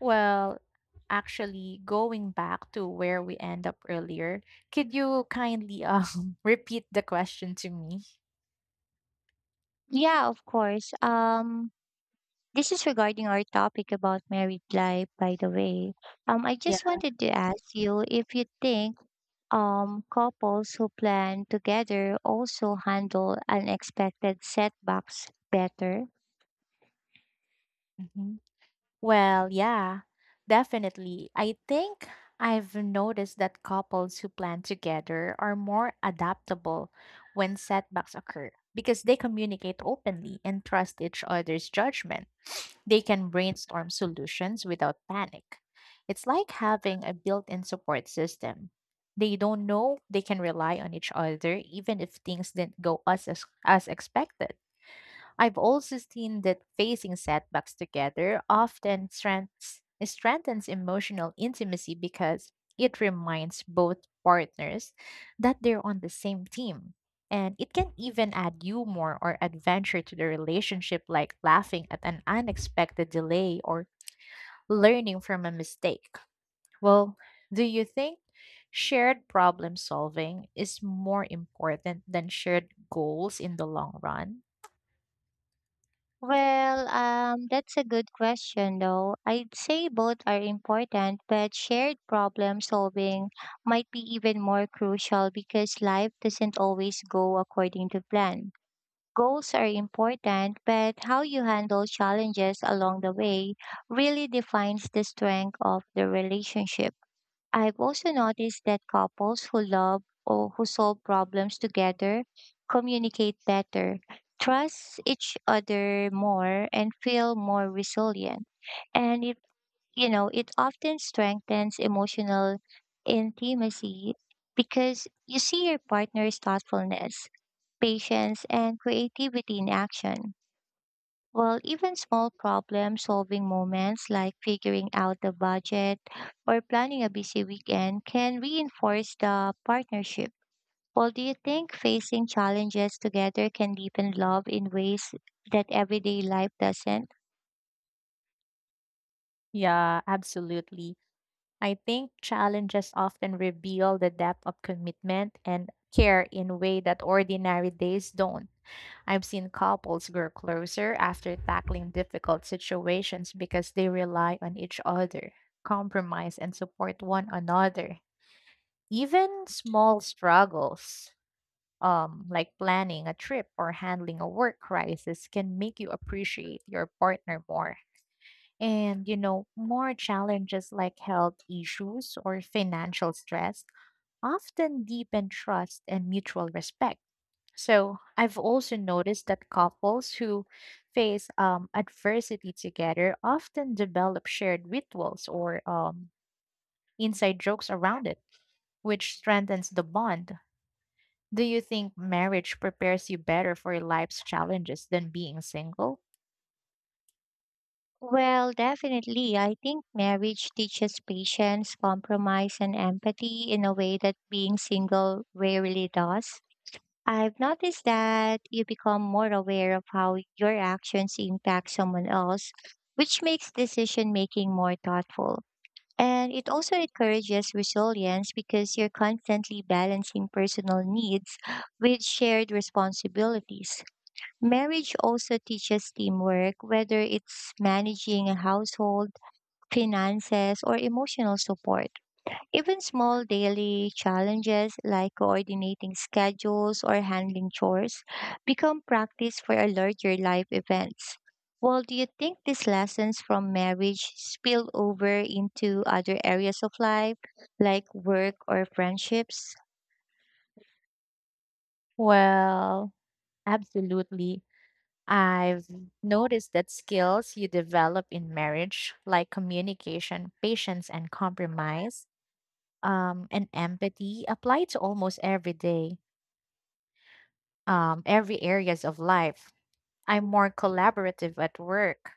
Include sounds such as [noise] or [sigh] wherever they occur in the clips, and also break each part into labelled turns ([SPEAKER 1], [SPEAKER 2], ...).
[SPEAKER 1] Well, actually, going back to where we end up earlier, could you kindly [laughs] repeat the question to me?
[SPEAKER 2] Yeah, of course. This is regarding our topic about married life, by the way. I just
[SPEAKER 1] Yeah.
[SPEAKER 2] wanted to ask you if you think couples who plan together also handle unexpected setbacks better.
[SPEAKER 1] Mhm. Well, yeah, definitely. I think I've noticed that couples who plan together are more adaptable when setbacks occur because they communicate openly and trust each other's judgment. They can brainstorm solutions without panic. It's like having a built in support system. They don't know they can rely on each other even if things didn't go as expected. I've also seen that facing setbacks together often strengthens emotional intimacy because it reminds both partners that they're on the same team. And it can even add humor or adventure to the relationship, like laughing at an unexpected delay or learning from a mistake. Well, do you think shared problem solving is more important than shared goals in the long run?
[SPEAKER 2] Well, that's a good question though. I'd say both are important, but shared problem solving might be even more crucial because life doesn't always go according to plan. Goals are important, but how you handle challenges along the way really defines the strength of the relationship. I've also noticed that couples who love or who solve problems together communicate better, trust each other more, and feel more resilient. And it often strengthens emotional intimacy because you see your partner's thoughtfulness patience, and creativity in action. Well, even small problem solving moments like figuring out the budget or planning a busy weekend can reinforce the partnership. Well, do you think facing challenges together can deepen love in ways that everyday life doesn't?
[SPEAKER 1] Yeah, absolutely. I think challenges often reveal the depth of commitment and care in a way that ordinary days don't. I've seen couples grow closer after tackling difficult situations because they rely on each other, compromise, and support one another. Even small struggles, like planning a trip or handling a work crisis, can make you appreciate your partner more. And, you know, more challenges like health issues or financial stress often deepen trust and mutual respect. So I've also noticed that couples who face adversity together often develop shared rituals or inside jokes around it, which strengthens the bond. Do you think marriage prepares you better for life's challenges than being single?
[SPEAKER 2] Well, definitely. I think marriage teaches patience, compromise, and empathy in a way that being single rarely does. I've noticed that you become more aware of how your actions impact someone else, which makes decision making more thoughtful. And it also encourages resilience because you're constantly balancing personal needs [gasps] with shared responsibilities. Marriage also teaches teamwork, whether it's managing a household, finances, or emotional support. Even small daily challenges like coordinating schedules or handling chores become practice for a larger life events. Well, do you think these lessons from marriage spill over into other areas of life, like work or friendships?
[SPEAKER 1] Well, absolutely. I've noticed that skills you develop in marriage, like communication, patience, and compromise, and empathy, apply to almost every areas of life. I'm more collaborative at work,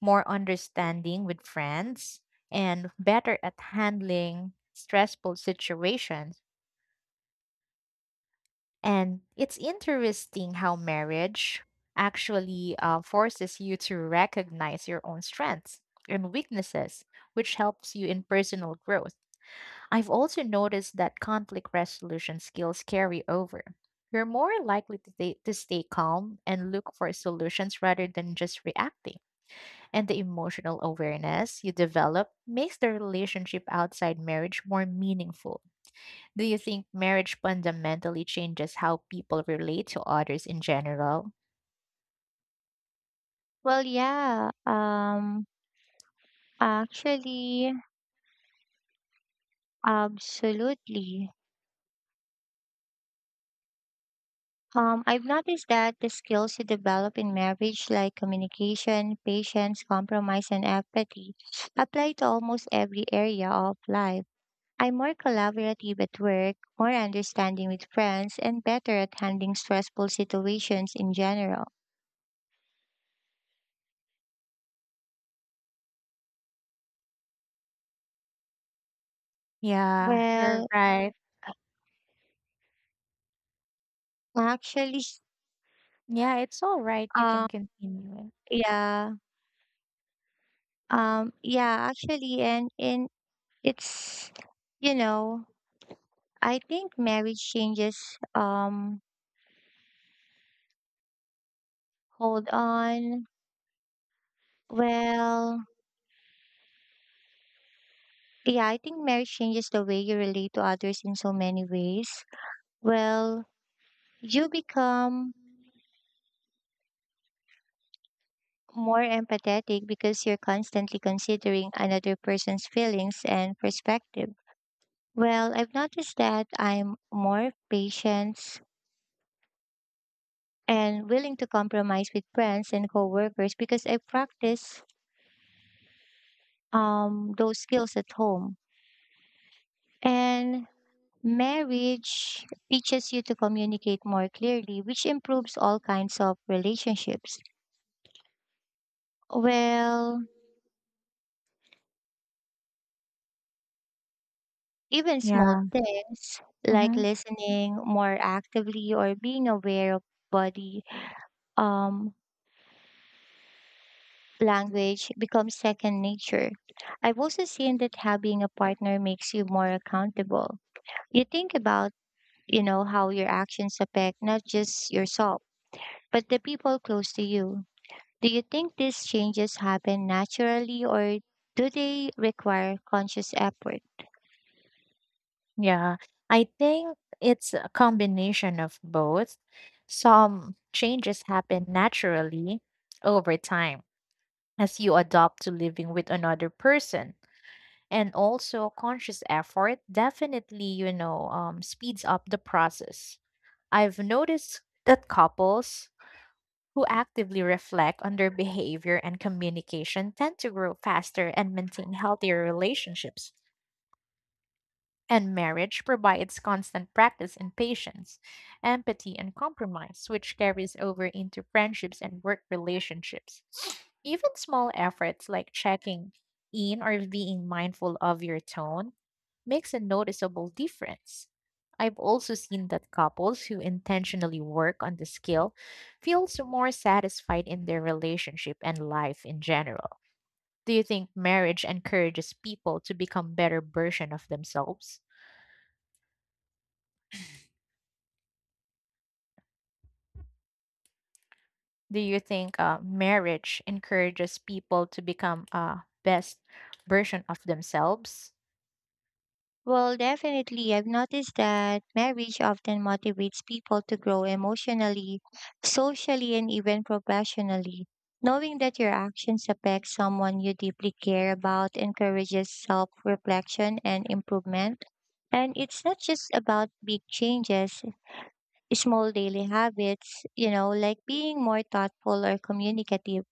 [SPEAKER 1] more understanding with friends, and better at handling stressful situations. And it's interesting how marriage actually forces you to recognize your own strengths and weaknesses, which helps you in personal growth. I've also noticed that conflict resolution skills carry over. You're more likely to stay calm and look for solutions rather than just reacting. And the emotional awareness you develop makes the relationship outside marriage more meaningful. Do you think marriage fundamentally changes how people relate to others in general?
[SPEAKER 2] Well, yeah, actually, absolutely. I've noticed that the skills you develop in marriage, like communication, patience, compromise, and empathy, apply to almost every area of life. I'm more collaborative at work, more understanding with friends, and better at handling stressful situations in general.
[SPEAKER 1] Yeah, you're
[SPEAKER 2] Well,
[SPEAKER 1] right.
[SPEAKER 2] actually,
[SPEAKER 1] Yeah, it's all right. You
[SPEAKER 2] um,
[SPEAKER 1] can continue it.
[SPEAKER 2] yeah, yeah, actually, and it's, you know, I think marriage changes. Hold on. Well, yeah, I think marriage changes the way you relate to others in so many ways. Well, you become more empathetic because you're constantly considering another person's feelings and perspective. Well, I've noticed that I'm more patient and willing to compromise with friends and coworkers because I practice those skills at home. And Marriage teaches you to communicate more clearly, which improves all kinds of relationships. Well, even small
[SPEAKER 1] Yeah.
[SPEAKER 2] things like
[SPEAKER 1] Hmm.
[SPEAKER 2] listening more actively or being aware of body um, language becomes second nature. I've also seen that having a partner makes you more accountable. You think about, how your actions affect not just yourself, but the people close to you. Do you think these changes happen naturally or do they require conscious effort?
[SPEAKER 1] Yeah, I think it's a combination of both. Some changes happen naturally over time as you adopt to living with another person. And also conscious effort definitely, speeds up the process. I've noticed that couples who actively reflect on their behavior and communication tend to grow faster and maintain healthier relationships. And marriage provides constant practice in patience, empathy, and compromise, which carries over into friendships and work relationships. [sniffs] Even small efforts like checking in or being mindful of your tone makes a noticeable difference. I've also seen that couples who intentionally work on the skill feel more satisfied in their relationship and life in general. Do you think marriage encourages people to become better version of themselves? Do you think marriage encourages people to become a best version of themselves?
[SPEAKER 2] Well, definitely. I've noticed that marriage often motivates people to grow emotionally, socially, and even professionally. Knowing that your actions affect someone you deeply care about encourages self reflection and improvement. And it's not just about big changes, small daily habits, like being more thoughtful or communicative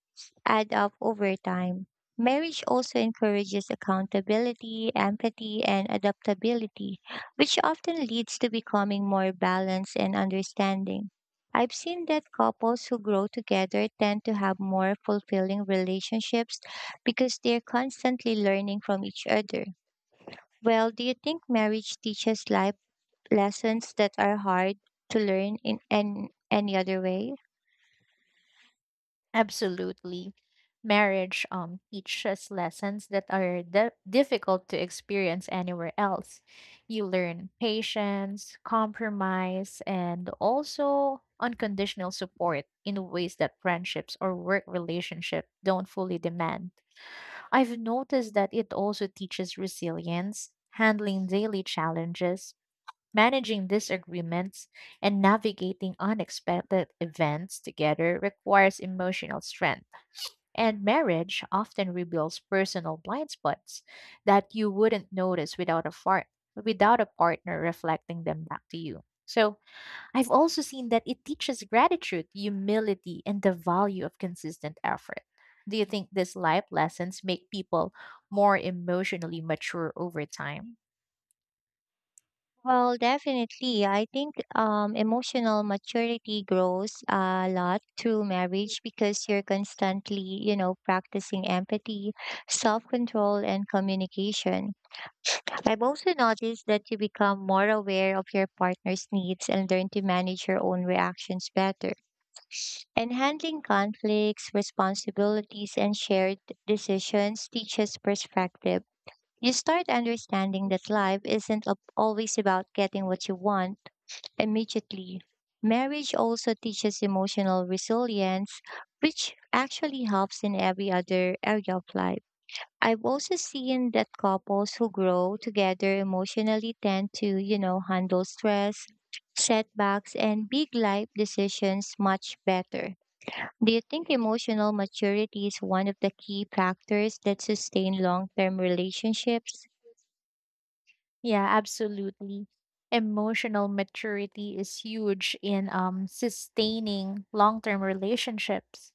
[SPEAKER 2] add up over time. Marriage also encourages accountability, empathy, and adaptability, which often leads to becoming more balanced and understanding. I've seen that couples who grow together tend to have more fulfilling relationships because they're constantly learning from each other. Well, do you think marriage teaches life lessons that are hard to learn in any other way?
[SPEAKER 1] Absolutely. Marriage teaches lessons that are difficult to experience anywhere else. You learn patience, compromise, and also unconditional support in ways that friendships or work relationship don't fully demand. I've noticed that it also teaches resilience, handling daily challenges, managing disagreements and navigating unexpected events together requires emotional strength, and marriage often reveals personal blind spots that you wouldn't notice without without a partner reflecting them back to you. So, I've also seen that it teaches gratitude, humility, and the value of consistent effort. Do you think these life lessons make people more emotionally mature over time?
[SPEAKER 2] Well, definitely. I think emotional maturity grows a lot through marriage because you're constantly, practicing empathy, self control, and communication. I've also noticed that you become more aware of your partner's needs and learn to manage your own reactions better. And handling conflicts, responsibilities, and shared decisions teaches perspective. You start understanding that life isn't a- always about getting what you want immediately. Marriage also teaches emotional resilience, which actually helps in every other area of life. I've also seen that couples who grow together emotionally tend to, handle stress, setbacks, and big life decisions much better. Do you think emotional maturity is one of the key factors that sustain long term relationships?
[SPEAKER 1] Yeah, absolutely. Emotional maturity is huge in sustaining long term relationships.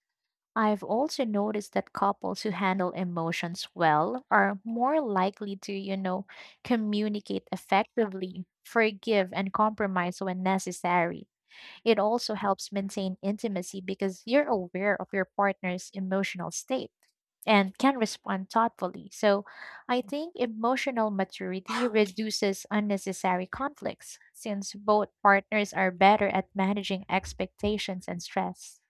[SPEAKER 1] I've also noticed that couples who handle emotions well are more likely to communicate effectively, forgive, and compromise when necessary. It also helps maintain intimacy because you're aware of your partner's emotional state and can respond thoughtfully. So I think emotional maturity reduces unnecessary conflicts since both partners are better at managing expectations and stress.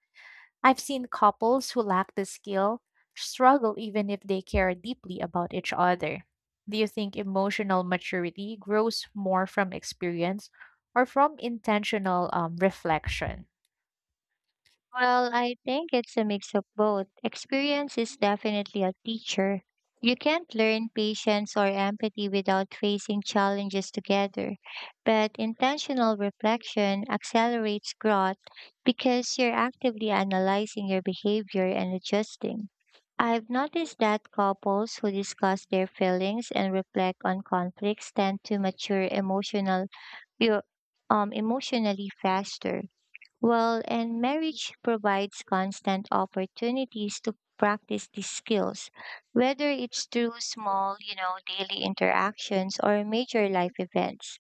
[SPEAKER 1] I've seen couples who lack the skill struggle even if they care deeply about each other. Do you think emotional maturity grows more from experience or from intentional reflection?
[SPEAKER 2] Well, I think it's a mix of both. Experience is definitely a teacher. You can't learn patience or empathy without facing challenges together. But intentional reflection accelerates growth because you're actively analyzing your behavior and adjusting. I've noticed that couples who discuss their feelings and reflect on conflicts tend to mature eu- emotionally faster well, and marriage provides constant opportunities to practice these skills, whether it's through small, daily interactions or major life events.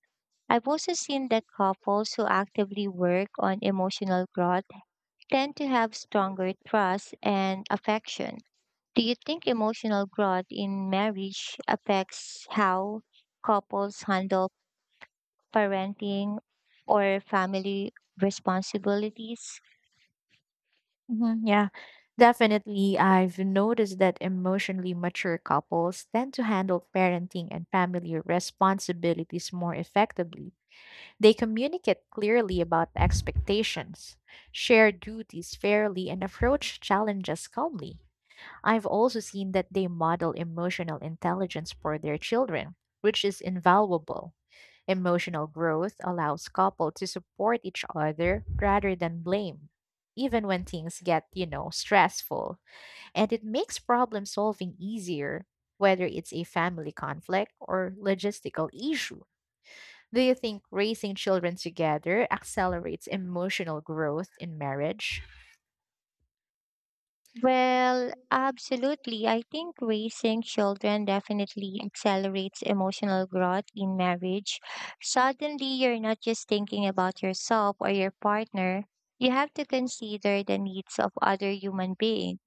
[SPEAKER 2] I've also seen that couples who actively work on emotional growth tend to have stronger trust and affection. Do you think emotional growth in marriage affects how couples handle parenting or family responsibilities?
[SPEAKER 1] Mhm. Yeah, definitely. I've noticed that emotionally mature couples tend to handle parenting and family responsibilities more effectively. They communicate clearly about expectations, share duties fairly, and approach challenges calmly. I've also seen that they model emotional intelligence for their children, which is invaluable. Emotional growth allows couples to support each other rather than blame, even when things get stressful. And it makes problem solving easier, whether it's a family conflict or logistical issue. Do you think raising children together accelerates emotional growth in marriage?
[SPEAKER 2] Well, absolutely. I think raising children definitely accelerates emotional growth in marriage. Suddenly, you're not just thinking about yourself or your partner, you have to consider the needs of other human beings.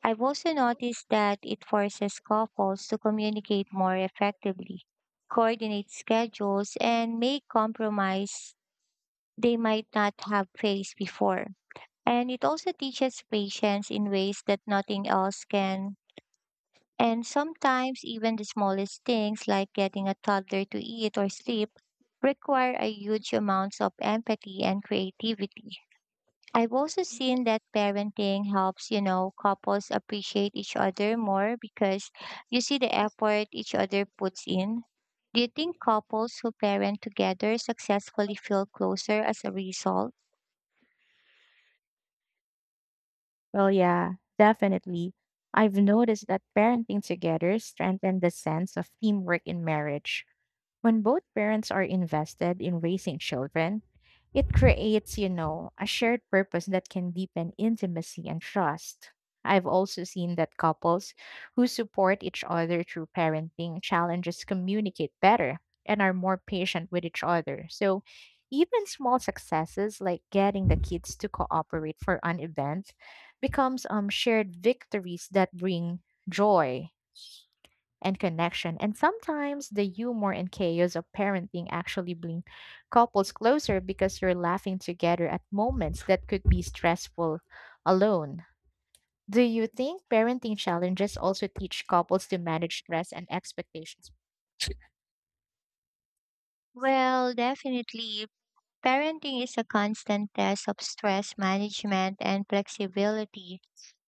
[SPEAKER 2] I've also noticed that it forces couples to communicate more effectively, coordinate schedules, and make compromise they might not have faced before. And it also teaches patience in ways that nothing else can. And sometimes, even the smallest things like getting a toddler to eat or sleep require a huge amounts of empathy and creativity. I've also seen that parenting helps, couples appreciate each other more because you see the effort each other puts in. Do you think couples who parent together successfully feel closer as a result?
[SPEAKER 1] Well, yeah, definitely. I've noticed that parenting together strengthen the sense of teamwork in marriage. When both parents are invested in raising children, it creates, you know, a shared purpose that can deepen intimacy and trust. I've also seen that couples who support each other through parenting challenges communicate better and are more patient with each other. So, even small successes like getting the kids to cooperate for an event becomes shared victories that bring joy and connection. And sometimes the humor and chaos of parenting actually bring couples closer because you're laughing together at moments that could be stressful alone. Do you think parenting challenges also teach couples to manage stress and expectations?
[SPEAKER 2] Well, definitely, Parenting is a constant test of stress management and flexibility.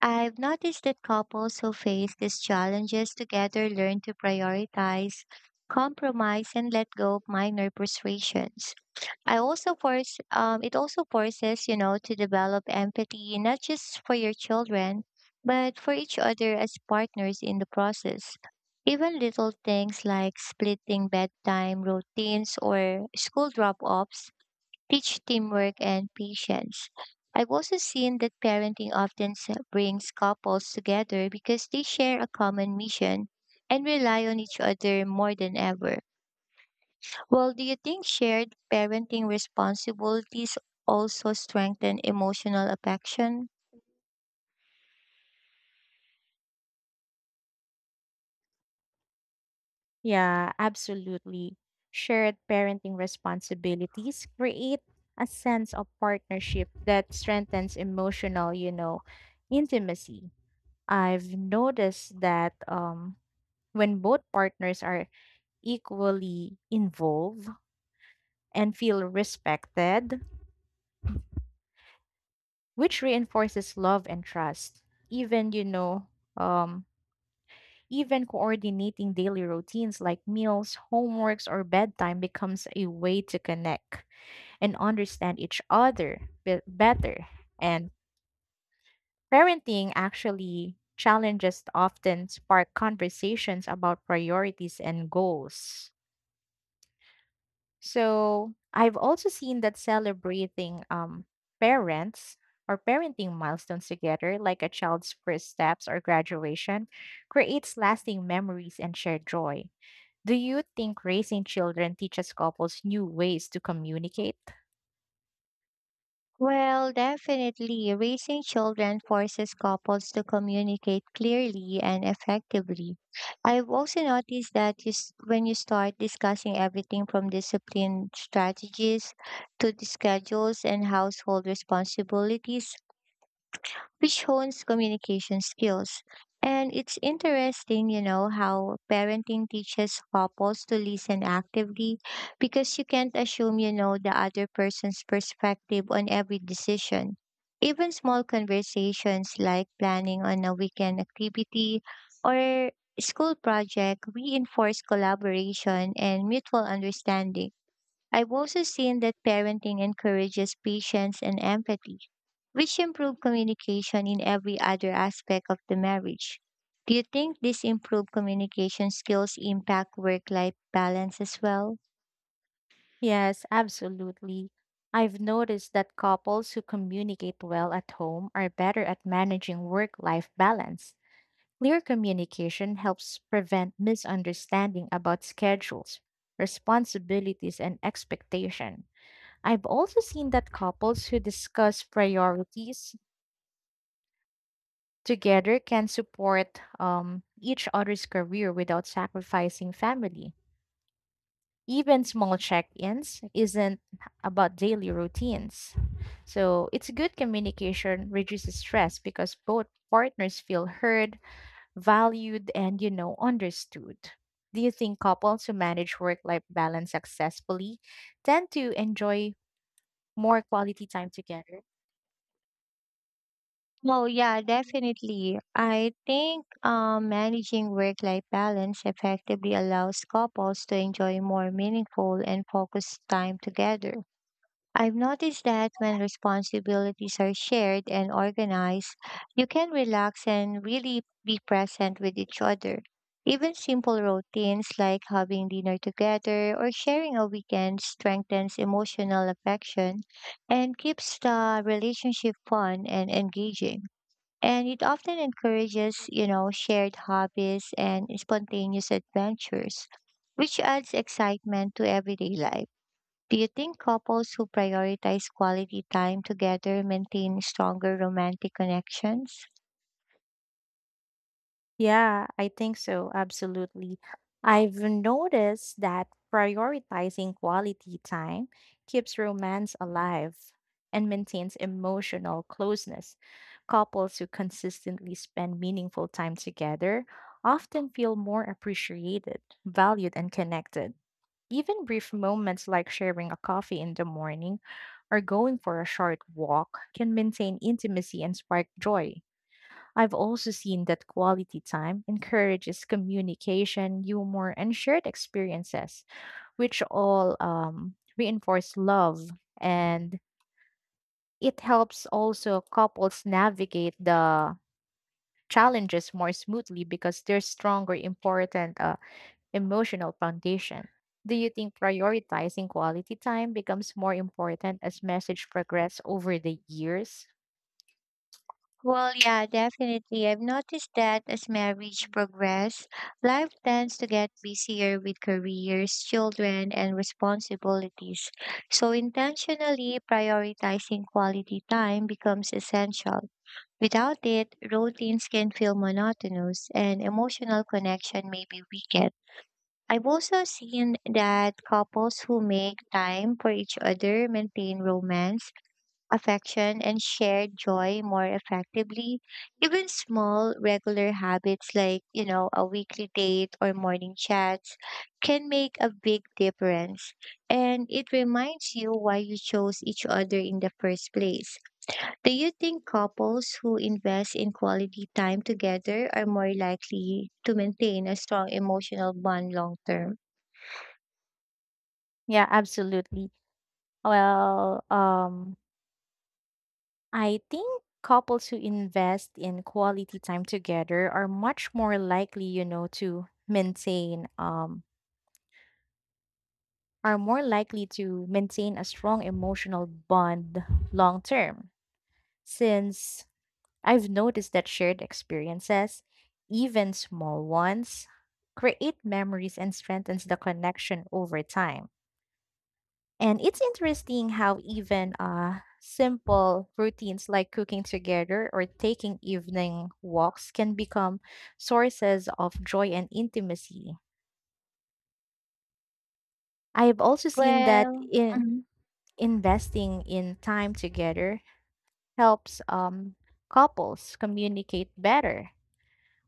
[SPEAKER 2] I've noticed that couples who face these challenges together learn to prioritize, compromise, and let go of minor frustrations. I also force it also forces to develop empathy not just for your children, but for each other as partners in the process. Even little things like splitting bedtime routines or school drop-offs teach teamwork and patience. I've also seen that brings couples together because they share a common mission and rely on each other more than ever. Well, do you think shared parenting responsibilities also strengthen emotional affection?
[SPEAKER 1] Yeah, absolutely. Shared parenting responsibilities create a sense of partnership that strengthens emotional intimacy. I've noticed that when both partners are equally involved and feel respected, which reinforces love and trust. Even, you know, um, even coordinating daily routines like meals, homeworks, or bedtime becomes a way to connect and understand each other better. And parenting actually challenges often spark conversations about priorities and goals. So I've also seen that celebrating parents or parenting milestones together, like a child's first steps or graduation, creates lasting memories and shared joy. Do you think raising children teaches couples new ways to communicate?
[SPEAKER 2] Well, definitely, raising children forces couples to communicate clearly and effectively. I've also noticed that when you start discussing everything from discipline strategies to the schedules and household responsibilities, which hones communication skills. And it's interesting, how parenting teaches couples to listen actively because you can't assume you know the other person's perspective on every decision. Even small conversations like planning on a weekend activity or school project reinforce collaboration and mutual understanding. I've also seen that parenting encourages patience and empathy which improved communication in every other aspect of the marriage. Do you think these improved communication skills impact work life balance as well?
[SPEAKER 1] Yes, absolutely. I've noticed that couples who communicate well at home are better at managing work life balance. Clear communication helps prevent misunderstanding about schedules, responsibilities, and expectation. I've also seen that couples who discuss priorities together can support each other's career without sacrificing family. Even small check-ins isn't about daily routines. So it's good communication reduces stress because both partners feel heard valued and understood. Do you think couples who manage work life balance successfully tend to enjoy more quality time together?
[SPEAKER 2] Oh yeah, definitely. I think managing work life balance effectively allows couples to enjoy more meaningful and focused time together. I've noticed that when responsibilities are shared and organized, you can relax and really be present with each other. Even simple routines like having dinner together or sharing a weekend strengthens emotional affection and keeps the relationship fun and engaging. And it often encourages, shared hobbies and spontaneous adventures, which adds excitement to everyday life. Do you think couples who prioritize quality time together maintain stronger romantic connections?
[SPEAKER 1] Yeah, I think so. Absolutely. I've noticed that prioritizing quality time keeps romance alive and maintains emotional closeness. Couples who consistently spend meaningful time together often feel more appreciated, valued, and connected. Even brief moments like sharing a coffee in the morning or going for a short walk can maintain intimacy and spark joy. I've also seen that quality time encourages communication, humor, and shared experiences, which all reinforce love. And it helps also couples navigate the challenges more smoothly because there's stronger important emotional foundation. Do you think prioritizing quality time becomes more important as message progress over the years?
[SPEAKER 2] Well, yeah, definitely. I've noticed that as marriage progresses, life tends to get busier with careers, children, and responsibilities. So, intentionally prioritizing quality time becomes essential. Without it, routines can feel monotonous and emotional connection may be weakened. I've also seen that couples who make time for each other maintain romance, affection, and shared joy more effectively. Even small regular habits like, a weekly date or morning chats can make a big difference. And it reminds you why you chose each other in the first place. Do you think couples who invest in quality time together are more likely to maintain a strong emotional bond long term?
[SPEAKER 1] Yeah, absolutely. Well, I think couples who invest in quality time together are much more likely, you know, to maintain are more likely to maintain a strong emotional bond long term since I've noticed that shared experiences, even small ones, create memories and strengthens the connection over time. And it's interesting how even simple routines like cooking together or taking evening walks can become sources of joy and intimacy. I've also seen that
[SPEAKER 2] Well,
[SPEAKER 1] in
[SPEAKER 2] mhm.
[SPEAKER 1] investing in time together helps couples communicate better.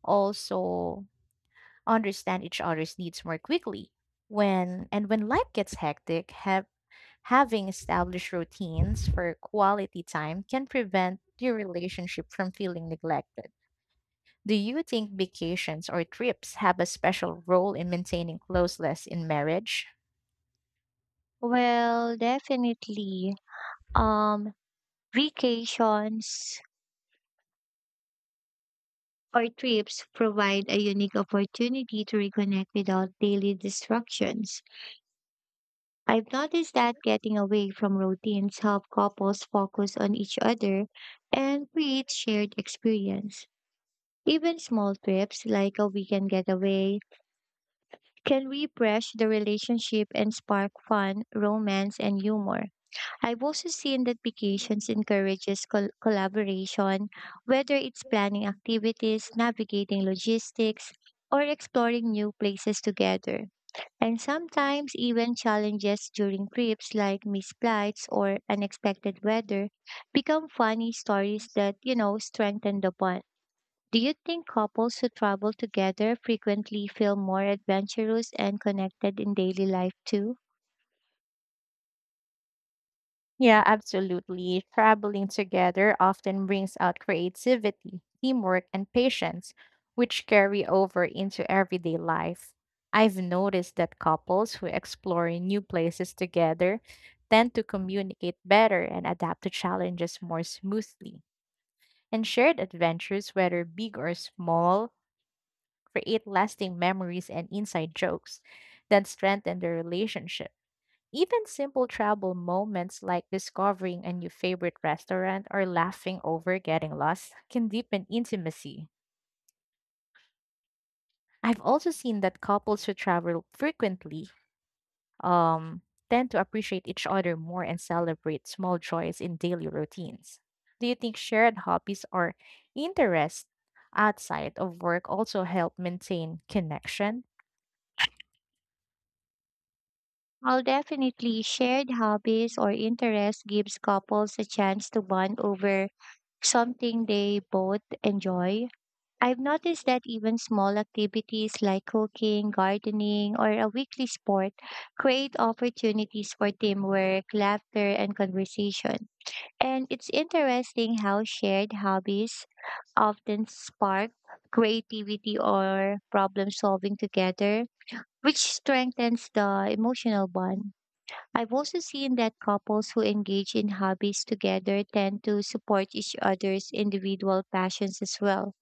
[SPEAKER 1] Also, understand each other's needs more quickly. When life gets hectic, having established routines for quality time can prevent your relationship from feeling neglected. Do you think vacations or trips have a special role in maintaining closeness in marriage?
[SPEAKER 2] Well, definitely. Um, Vacations or trips provide a unique opportunity to reconnect without daily distractions. I've noticed that getting away from routines help couples focus on each other and create shared experience. Even small trips like a weekend getaway can refresh the relationship and spark fun, romance, and humor. I've also seen that vacations encourages collaboration, whether it's planning activities, navigating logistics, or exploring new places together. And sometimes even challenges during trips like misflights or unexpected weather become funny stories that, strengthen the bond. Do you think couples who travel together frequently feel more adventurous and connected in daily life too?
[SPEAKER 1] Yeah, absolutely. Traveling together often brings out creativity, teamwork, and patience, which carry over into everyday life. I've noticed that couples who explore new places together tend to communicate better and adapt to challenges more smoothly. And shared adventures, whether big or small, create lasting memories and inside jokes that strengthen their relationship. Even simple travel moments like discovering a new favorite restaurant or laughing over getting lost can deepen intimacy. I've also seen that couples who travel frequently um, tend to appreciate each other more and celebrate small joys in daily routines. Do you think shared hobbies or interests outside of work also help maintain connection?
[SPEAKER 2] Well, definitely shared hobbies or interests gives couples a chance to bond over something they both enjoy. I've noticed that even small activities like cooking, gardening, or a weekly sport create opportunities for teamwork, laughter, and conversation. And it's interesting how shared hobbies often spark creativity or problem solving together, which strengthens the emotional bond. I've also seen that couples who engage in hobbies together tend to support each other's individual passions as well,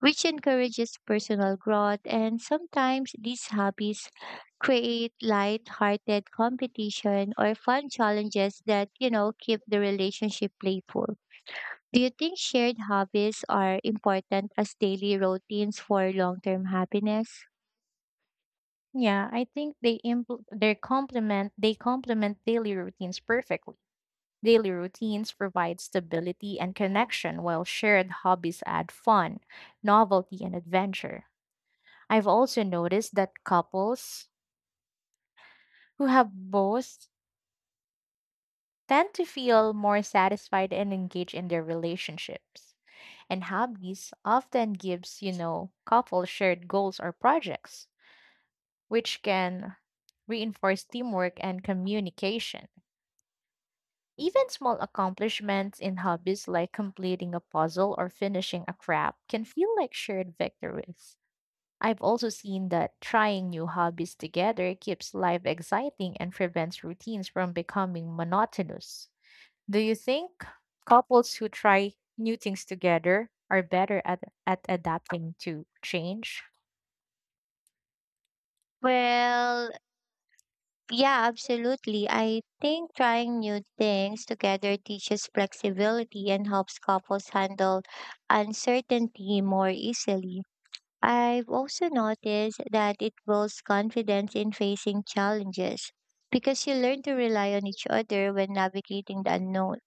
[SPEAKER 2] which encourages personal growth. And sometimes these hobbies create light-hearted competition or fun challenges that, keep the relationship playful. Do you think shared hobbies are important as daily routines for long-term happiness?
[SPEAKER 1] Yeah, I think they complement daily routines perfectly. Daily routines provide stability and connection, while shared hobbies add fun, novelty, and adventure. I've also noticed that couples who have both tend to feel more satisfied and engaged in their relationships. And hobbies often gives, you know, couples shared goals or projects, which can reinforce teamwork and communication. Even small accomplishments in hobbies like completing a puzzle or finishing a craft can feel like shared victories. I've also seen that trying new hobbies together keeps life exciting and prevents routines from becoming monotonous. Do you think couples who try new things together are better at adapting to change?
[SPEAKER 2] Well, Yeah, absolutely. I think trying new things together teaches flexibility and helps couples handle uncertainty more easily. I've also noticed that it builds confidence in facing challenges because you learn to rely on each other when navigating the unknown.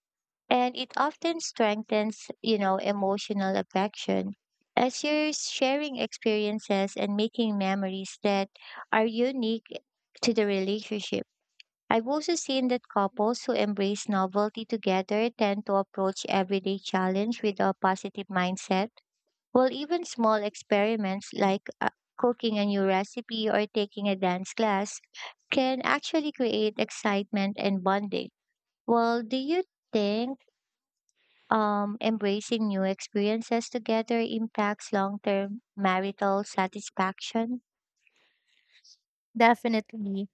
[SPEAKER 2] And it often strengthens, emotional affection as you're sharing experiences and making memories that are unique to the relationship. I've also seen that couples who embrace novelty together tend to approach everyday challenge with a positive mindset, while even small experiments like cooking a new recipe or taking a dance class can actually create excitement and bonding. Well, do you think embracing new experiences together impacts long term marital satisfaction?
[SPEAKER 1] Definitely.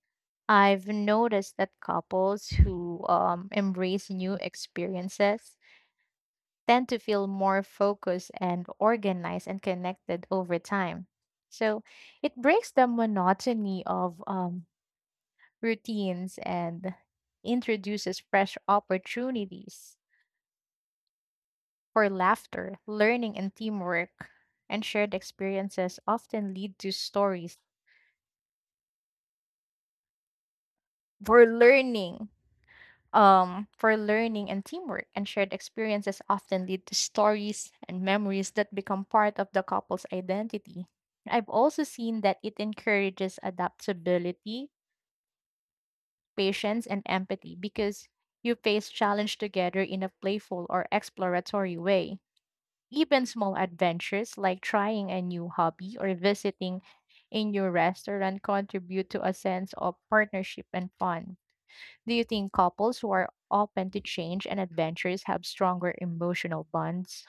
[SPEAKER 1] I've noticed that couples who embrace new experiences tend to feel more focused and organized and connected over time. So it breaks the monotony of routines and introduces fresh opportunities for laughter, learning, and teamwork. And shared experiences often lead to stories for learning for learning and teamwork, and shared experiences often lead to stories and memories that become part of the couple's identity. I've also seen that it encourages adaptability, patience, and empathy because you face challenge together in a playful or exploratory way. Even small adventures like trying a new hobby or visiting a new restaurant contribute to a sense of partnership and fun. Do you think couples who are open to change and adventures have stronger emotional bonds?